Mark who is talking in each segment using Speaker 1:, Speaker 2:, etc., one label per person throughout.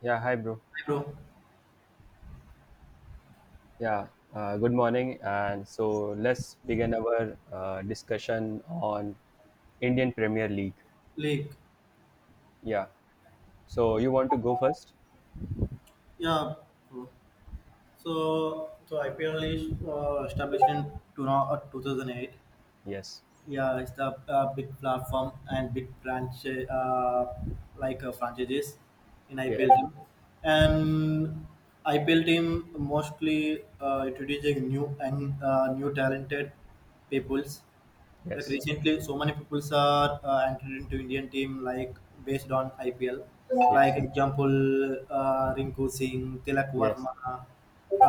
Speaker 1: Yeah, hi, bro.
Speaker 2: Bro,
Speaker 1: Yeah, good morning. And so let's begin our discussion on Indian Premier League.
Speaker 2: league.
Speaker 1: Yeah. So you want to go first?
Speaker 2: Yeah, bro. So IPL is established in 2008.
Speaker 1: Yes.
Speaker 2: Yeah, it's the big platform and big branch like franchises in
Speaker 1: Yes.
Speaker 2: IPL team. And IPL team mostly introducing new and new talented peoples. Like
Speaker 1: Yes.
Speaker 2: recently, so many people are entered into Indian team like based on IPL. Like
Speaker 1: Yes.
Speaker 2: example, Rinku Singh, Tilak
Speaker 1: Yes.
Speaker 2: Varma,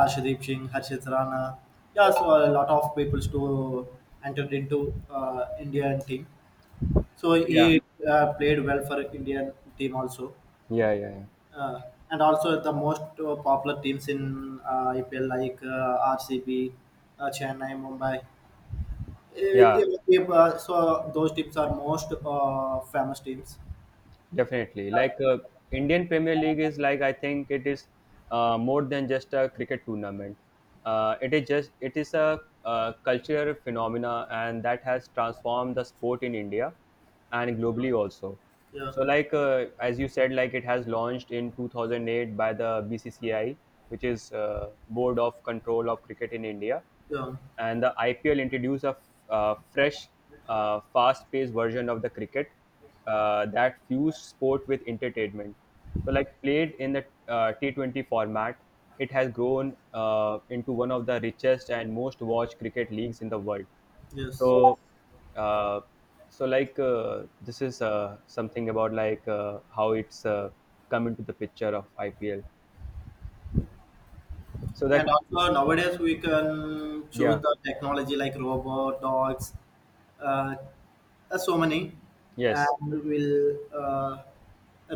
Speaker 2: Ashdeep Singh, Harshit Rana. Yeah, so a lot of people to entered into Indian team. So
Speaker 1: Yeah.
Speaker 2: he played well for Indian team also.
Speaker 1: Yeah. Yeah. Yeah.
Speaker 2: Uh, and also the most popular teams in IPL like RCB, Chennai, Mumbai. With
Speaker 1: Yeah.
Speaker 2: so those teams are most famous teams.
Speaker 1: Definitely. Like Indian Premier League is, like, I think it is more than just a cricket tournament. It is a cultural phenomena, and that has transformed the sport in India and globally also.
Speaker 2: Yeah,
Speaker 1: So like as you said, like it has launched in 2008 by the BCCI, which is Board of Control of Cricket in India,
Speaker 2: yeah,
Speaker 1: and the IPL introduced a fresh, fast-paced version of the cricket that fused sport with entertainment. So, like, played in the T20 format, it has grown into one of the richest and most watched cricket leagues in the world.
Speaker 2: yes.
Speaker 1: So, uh, so like this is something about, like, how it's come into the picture of IPL. So
Speaker 2: And
Speaker 1: that.
Speaker 2: also nowadays we can choose
Speaker 1: Yeah,
Speaker 2: the technology like robot, dogs, uh, so many.
Speaker 1: yes.
Speaker 2: And we'll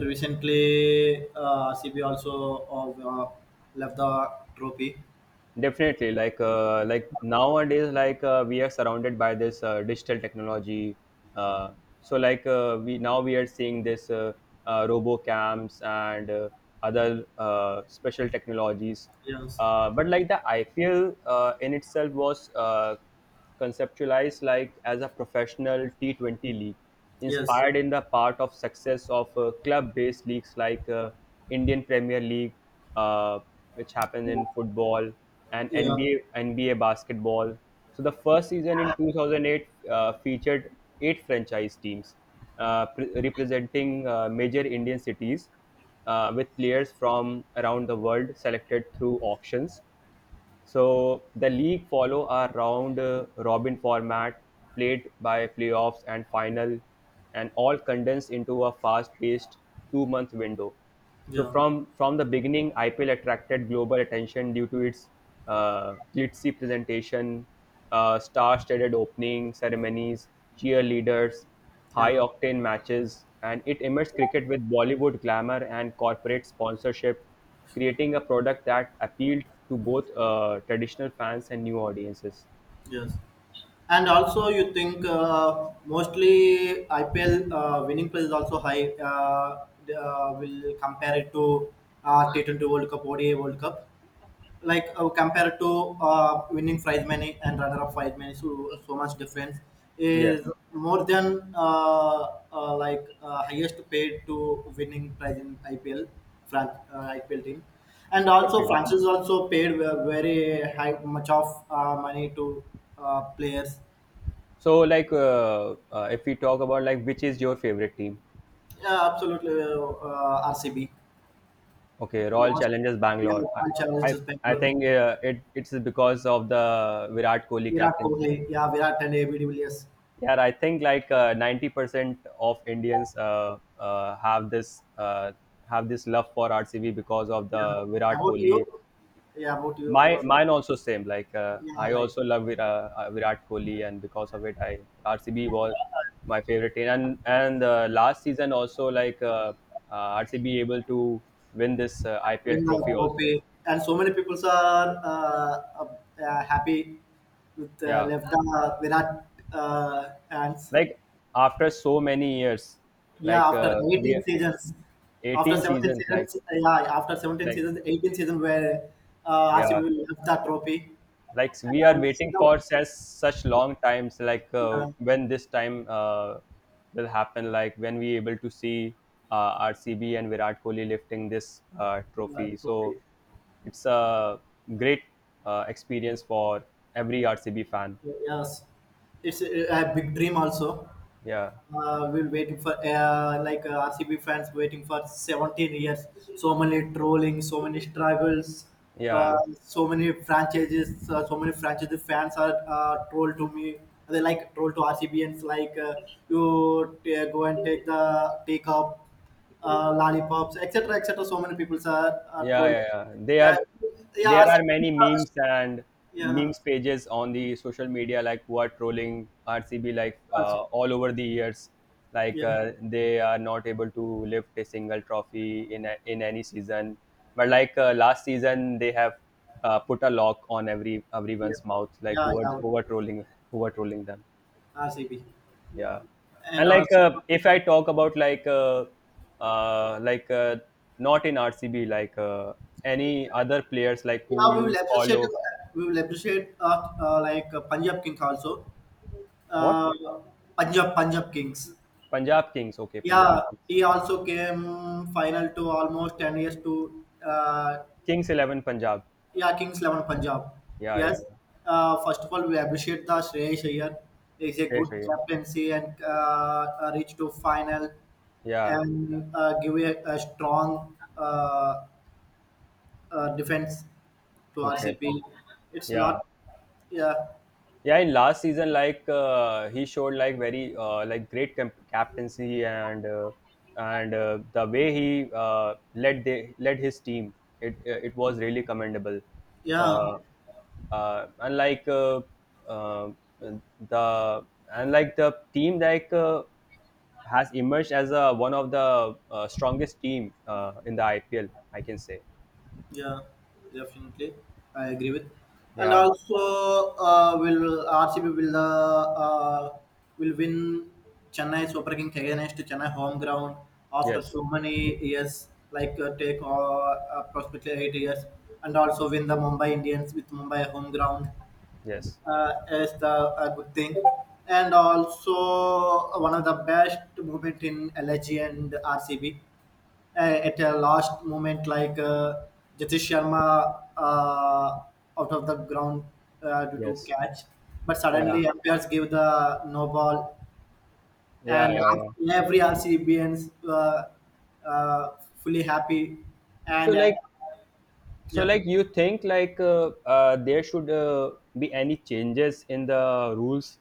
Speaker 2: recently CB also uh, left the trophy.
Speaker 1: Definitely, like nowadays, like we are surrounded by this digital technology. Uh, so, like we are seeing this RoboCams and other special technologies.
Speaker 2: Yes,
Speaker 1: But like the IPL in itself was conceptualized, like, as a professional T20 league,
Speaker 2: yes,
Speaker 1: inspired in the part of success of club-based leagues like Indian Premier League, uh, which happened in football, and
Speaker 2: yeah,
Speaker 1: NBA basketball. So the first season in 2008 featured eight franchise teams representing major Indian cities, with players from around the world selected through auctions. So the league follow a round robin format, played by playoffs and final, and all condensed into a fast-paced two-month window. So
Speaker 2: yeah,
Speaker 1: from the beginning, IPL attracted global attention due to its glitzy presentation, star-studded opening ceremonies, cheerleaders,
Speaker 2: yeah,
Speaker 1: high-octane matches, and it immersed cricket with Bollywood glamour and corporate sponsorship, creating a product that appealed to both traditional fans and new audiences.
Speaker 2: yes. And also, you think mostly IPL winning price is also high. Will compare it to T20 World Cup, ODI World Cup. Like compared to winning prize money and runner-up prize money, so much difference
Speaker 1: Yes,
Speaker 2: is more than like highest paid to winning prize in IPL, IPL team. And also,
Speaker 1: definitely.
Speaker 2: France is also paid very high much of money to players.
Speaker 1: So, like, if we talk about, like, which is your favorite team?
Speaker 2: Yeah, absolutely. RCB.
Speaker 1: Okay,
Speaker 2: The
Speaker 1: Royal
Speaker 2: most,
Speaker 1: Challengers
Speaker 2: yeah,
Speaker 1: Bangalore.
Speaker 2: all
Speaker 1: I,
Speaker 2: challenges
Speaker 1: I
Speaker 2: Bangalore.
Speaker 1: think it's because of the Virat Kohli
Speaker 2: Virat
Speaker 1: captaincy.
Speaker 2: Kohli. Yeah, Virat and ABD Villiers.
Speaker 1: Yeah, I think like 90% of Indians have this love for RCB because of
Speaker 2: Yeah.
Speaker 1: the
Speaker 2: Yeah,
Speaker 1: Virat
Speaker 2: about
Speaker 1: Kohli.
Speaker 2: you? Yeah, about you.
Speaker 1: My
Speaker 2: Our,
Speaker 1: mine also same. Like
Speaker 2: yeah,
Speaker 1: I
Speaker 2: like
Speaker 1: also love Virat Kohli, and because of it, I RCB was my favorite team. And last season also, like RCB able to win this IPL
Speaker 2: win the
Speaker 1: trophy also.
Speaker 2: trophy. And so many people are happy with
Speaker 1: Yeah,
Speaker 2: left the Virat hands.
Speaker 1: like after so many years,
Speaker 2: Yeah,
Speaker 1: like
Speaker 2: after
Speaker 1: we
Speaker 2: 18 seasons, after
Speaker 1: 18
Speaker 2: 17
Speaker 1: seasons. Like
Speaker 2: seasons, yeah, after 17
Speaker 1: like
Speaker 2: seasons, 18 season where RCB
Speaker 1: yeah,
Speaker 2: left the trophy
Speaker 1: like, we are
Speaker 2: and see
Speaker 1: waiting for
Speaker 2: the
Speaker 1: such long times, like
Speaker 2: uh,
Speaker 1: when this time will happen, like when we able to see RCB and Virat Kohli lifting this trophy. So
Speaker 2: trophy.
Speaker 1: it's a great experience for every RCB fan.
Speaker 2: Yes, it's a big dream also.
Speaker 1: Yeah,
Speaker 2: We're waiting for like RCB fans waiting for 17 years. So many trolling, so many struggles, uh,
Speaker 1: yeah.
Speaker 2: so many franchises, so many franchise fans are troll to me. They like troll to RCBans like go and take the take up lollipops, etc., etc. So many people are
Speaker 1: Yeah,
Speaker 2: trolling.
Speaker 1: yeah, yeah. They
Speaker 2: Yeah,
Speaker 1: are
Speaker 2: yeah,
Speaker 1: There are
Speaker 2: RCB.
Speaker 1: many memes and
Speaker 2: Yeah,
Speaker 1: memes pages on the social media, like who are trolling RCB, like
Speaker 2: RCB.
Speaker 1: all over the years. Like
Speaker 2: Yeah.
Speaker 1: they are not able to lift a single trophy in any season. But like last season, they have put a lock on
Speaker 2: Yeah,
Speaker 1: everyone's mouth. Like
Speaker 2: yeah,
Speaker 1: who are
Speaker 2: yeah.
Speaker 1: who are trolling who are trolling them,
Speaker 2: RCB.
Speaker 1: yeah.
Speaker 2: And
Speaker 1: And, like,
Speaker 2: also,
Speaker 1: if I talk about, like, like not in RCB, like any other players, like, who
Speaker 2: yeah,
Speaker 1: you follow.
Speaker 2: we will appreciate like Punjab Kings also.
Speaker 1: What?
Speaker 2: Uh, Punjab Kings.
Speaker 1: Punjab Kings. Okay, Punjab
Speaker 2: Yeah,
Speaker 1: Kings,
Speaker 2: he also came final to almost 10 years to
Speaker 1: Kings 11 Punjab.
Speaker 2: yeah Kings 11 Punjab.
Speaker 1: Yeah, yeah,
Speaker 2: Yes.
Speaker 1: yeah.
Speaker 2: First of all, we appreciate the Shreyas Iyer. He's a
Speaker 1: Sure,
Speaker 2: good
Speaker 1: sure, yeah.
Speaker 2: captaincy and reached to final
Speaker 1: Yeah.
Speaker 2: and give a strong defense to
Speaker 1: Okay.
Speaker 2: RCB. It's
Speaker 1: Yeah.
Speaker 2: not, yeah,
Speaker 1: Yeah, in last season, like he showed, like, very like, great captaincy, and the way he led his team, it was really commendable.
Speaker 2: yeah,
Speaker 1: Uh, and like uh, the and like the team, like has emerged as one of the strongest team in the IPL, I can say.
Speaker 2: yeah, definitely. I agree with. And
Speaker 1: Yeah.
Speaker 2: also, will RCB will win Chennai Super Kings against Chennai home ground after
Speaker 1: Yes.
Speaker 2: so many years, like take approximately 8 years, and also win the Mumbai Indians with Mumbai home ground.
Speaker 1: Yes.
Speaker 2: Is the a good thing and also one of the best moment in LG and RCB at a last moment like Jatish Sharma out of the ground due to
Speaker 1: Yes.
Speaker 2: catch, but
Speaker 1: Yeah.
Speaker 2: suddenly umpires give the no ball
Speaker 1: Yeah.
Speaker 2: and
Speaker 1: Yeah. Yeah.
Speaker 2: every RCBans uh, fully happy
Speaker 1: So
Speaker 2: and
Speaker 1: like So,
Speaker 2: yeah.
Speaker 1: like, you think like there should be any changes in the rules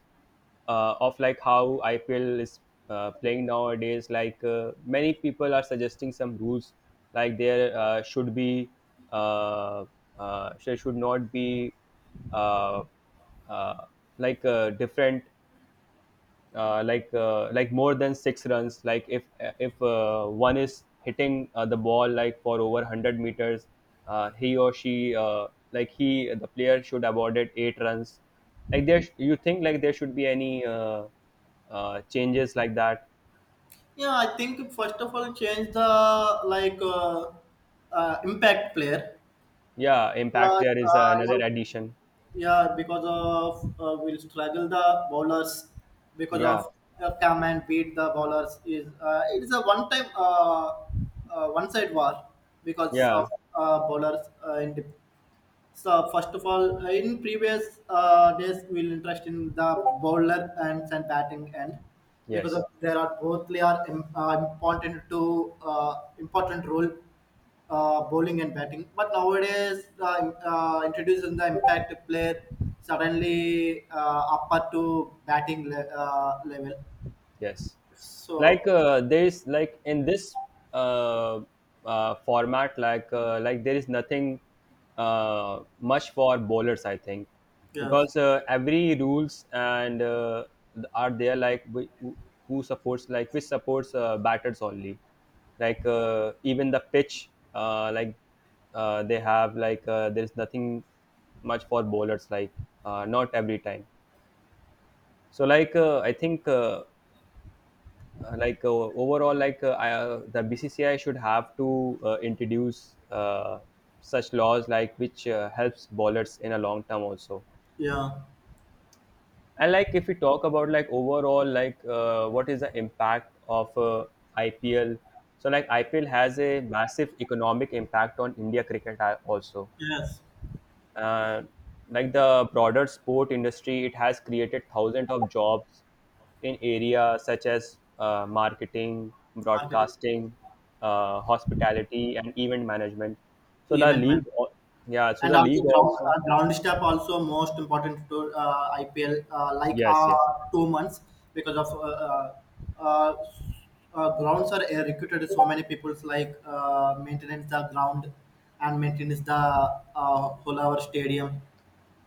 Speaker 1: of, like, how IPL is playing nowadays? Like, many people are suggesting some rules, like uh, there should not be uh, uh, different, like like, more than six runs. Like, if one is hitting the ball, like, for over 100 meters, he or she like, he the player should award it eight runs. Like, you think like there should be any changes like that?
Speaker 2: Yeah, I think first of all, change the impact player.
Speaker 1: Yeah, impact
Speaker 2: Uh,
Speaker 1: player is
Speaker 2: uh,
Speaker 1: another addition.
Speaker 2: yeah, because of will struggle the bowlers because
Speaker 1: Yeah,
Speaker 2: of come and beat the bowlers is it is a one time one side war because of
Speaker 1: yeah,
Speaker 2: bowlers uh, in dip- so first of all, in previous days, we'll interest in the bowler and batting end because
Speaker 1: yes,
Speaker 2: of there are both they are important to important role bowling and batting. But nowadays, introducing the impact player suddenly upper to batting level.
Speaker 1: yes. Like,
Speaker 2: So
Speaker 1: there is, like, in this uh, format, like like, there is nothing much for bowlers, I think,
Speaker 2: yes,
Speaker 1: because every rules and are there, like, who supports, like, which supports batters only. Like, even the pitch, they have, like, there's nothing much for bowlers, like, not every time. So, like, I think, like, overall, like, the BCCI should have to introduce such laws, like which helps bowlers in a long term also.
Speaker 2: yeah,
Speaker 1: And, like, if we talk about, like, overall, like, what is the impact of IPL? So, like, IPL has a massive economic impact on India cricket also,
Speaker 2: yes,
Speaker 1: uh, like the broader sport industry. It has created thousands of jobs in areas such as marketing,
Speaker 2: marketing,
Speaker 1: broadcasting, hospitality, and event management. So the
Speaker 2: event
Speaker 1: league,
Speaker 2: man.
Speaker 1: yeah. So
Speaker 2: And
Speaker 1: the
Speaker 2: also
Speaker 1: league also,
Speaker 2: ground staff also most important to IPL like
Speaker 1: yes, yes,
Speaker 2: 2 months because of uh, grounds are recruited so many people like maintenance the ground and maintenance the whole our stadium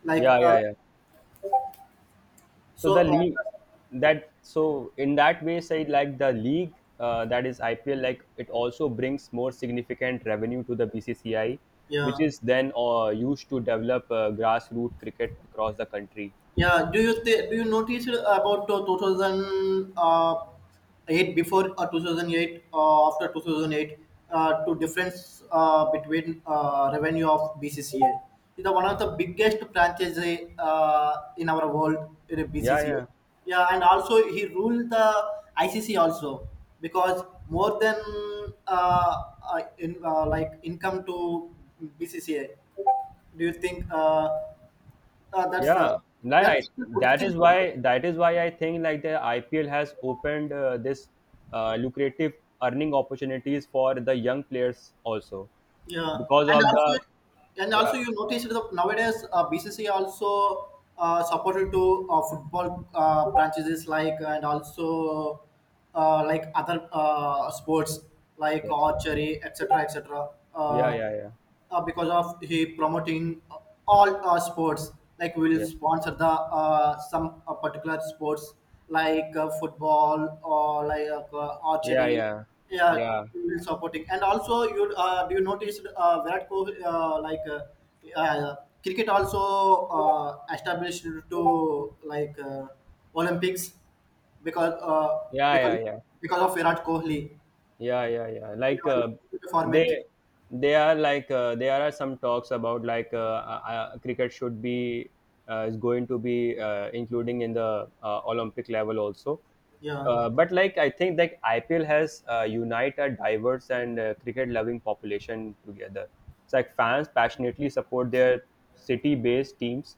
Speaker 2: like
Speaker 1: yeah, yeah, yeah. So the
Speaker 2: so
Speaker 1: league that so in that way, say, like the league, that is IPL, like it also brings more significant revenue to the BCCI, which
Speaker 2: yeah.
Speaker 1: is then used to develop grassroots cricket across the country.
Speaker 2: Yeah, do you do you notice about 2008, before 2008, after 2008, to difference between revenue of BCCA? It's one of the biggest franchise in our world in a B C
Speaker 1: Yeah,
Speaker 2: C A.
Speaker 1: yeah,
Speaker 2: Yeah, and also he ruled the ICC also because more than uh, like income to BCCA. Do you think? That's
Speaker 1: yeah. Like I,
Speaker 2: that's a good
Speaker 1: that
Speaker 2: thing.
Speaker 1: is why That is why I think, like, the IPL has opened this lucrative earning opportunities for the young players also,
Speaker 2: Yeah,
Speaker 1: because
Speaker 2: and
Speaker 1: of
Speaker 2: also,
Speaker 1: the.
Speaker 2: and
Speaker 1: Yeah.
Speaker 2: also you noticed that nowadays BCC also supported to football branches like and also like other sports like
Speaker 1: Yes.
Speaker 2: archery, etc., etc.
Speaker 1: Yeah,
Speaker 2: Uh,
Speaker 1: yeah, yeah.
Speaker 2: because of he promoting all sports like we'll
Speaker 1: Yes.
Speaker 2: sponsor the some particular sports like football or like
Speaker 1: Yeah,
Speaker 2: archery.
Speaker 1: yeah,
Speaker 2: Yeah,
Speaker 1: yeah,
Speaker 2: we'll supporting. And also you do you notice Virat Kohli uh, cricket also established to like Olympics because because
Speaker 1: yeah, yeah,
Speaker 2: because of Virat Kohli,
Speaker 1: yeah, yeah, yeah, yeah. Like,
Speaker 2: yeah, format.
Speaker 1: they, they are, like, there are some talks about, like, cricket should be is going to be including in the Olympic level also.
Speaker 2: Yeah,
Speaker 1: But like, I think like IPL has unite a diverse and cricket-loving population together. It's like fans passionately support their city-based teams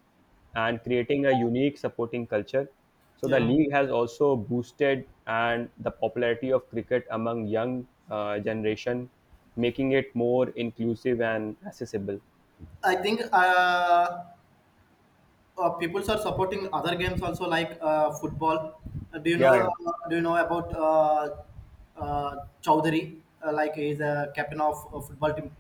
Speaker 1: and creating a unique supporting culture. So the
Speaker 2: yeah.
Speaker 1: league has also boosted and the popularity of cricket among young generation, making it more inclusive and accessible.
Speaker 2: I think people are supporting other games also like football. Do you
Speaker 1: Yeah,
Speaker 2: know?
Speaker 1: yeah.
Speaker 2: Do you know about uh, Chowdhury? Like he's a captain of a football team.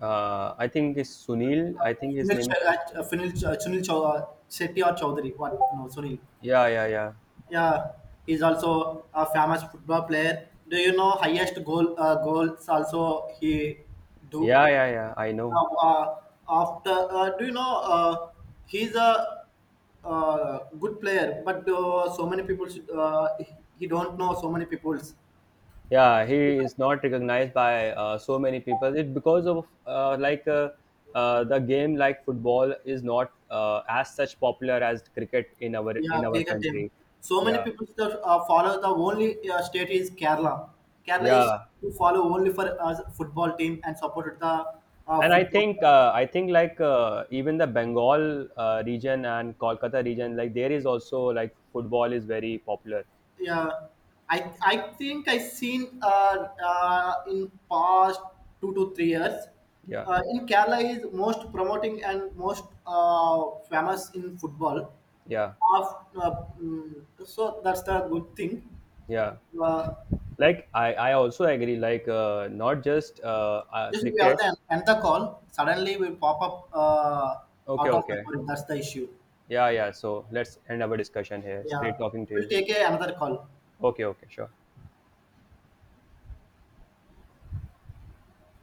Speaker 1: I think it's Sunil, I think his name is.
Speaker 2: Sunil Shetty or Chowdhury? What? No, Sunil.
Speaker 1: Yeah, yeah, yeah,
Speaker 2: Yeah, he's also a famous football player. Do you know highest goals also he do?
Speaker 1: yeah, yeah, yeah. I know.
Speaker 2: Now, after do you know he's a good player, but so many people should, he don't know so many people's.
Speaker 1: Yeah, he is not recognized by so many people, it because of the game like football is not as such popular as cricket in
Speaker 2: Yeah,
Speaker 1: our
Speaker 2: cricket team.
Speaker 1: country.
Speaker 2: So many
Speaker 1: Yeah,
Speaker 2: people that follow the only state is Kerala. Kerala is
Speaker 1: yeah.
Speaker 2: to follow only for football team and supported the
Speaker 1: And i
Speaker 2: football.
Speaker 1: think uh, i think like, even the Bengal region and Kolkata region, like, there is also like football is very popular.
Speaker 2: Yeah, I think I seen in past 2 to 3 years
Speaker 1: Yeah,
Speaker 2: in Kerala is most promoting and most famous in football
Speaker 1: yeah,
Speaker 2: of so that's the good thing.
Speaker 1: yeah.
Speaker 2: uh,
Speaker 1: Like, I also agree, like, not just
Speaker 2: just we have
Speaker 1: cricket.
Speaker 2: the end the call, suddenly we pop up
Speaker 1: Okay,
Speaker 2: out of
Speaker 1: okay.
Speaker 2: memory, that's the issue.
Speaker 1: Yeah, yeah. So let's end our discussion here. It's great
Speaker 2: Yeah,
Speaker 1: talking to
Speaker 2: we'll
Speaker 1: you.
Speaker 2: take another call.
Speaker 1: Okay, okay, sure.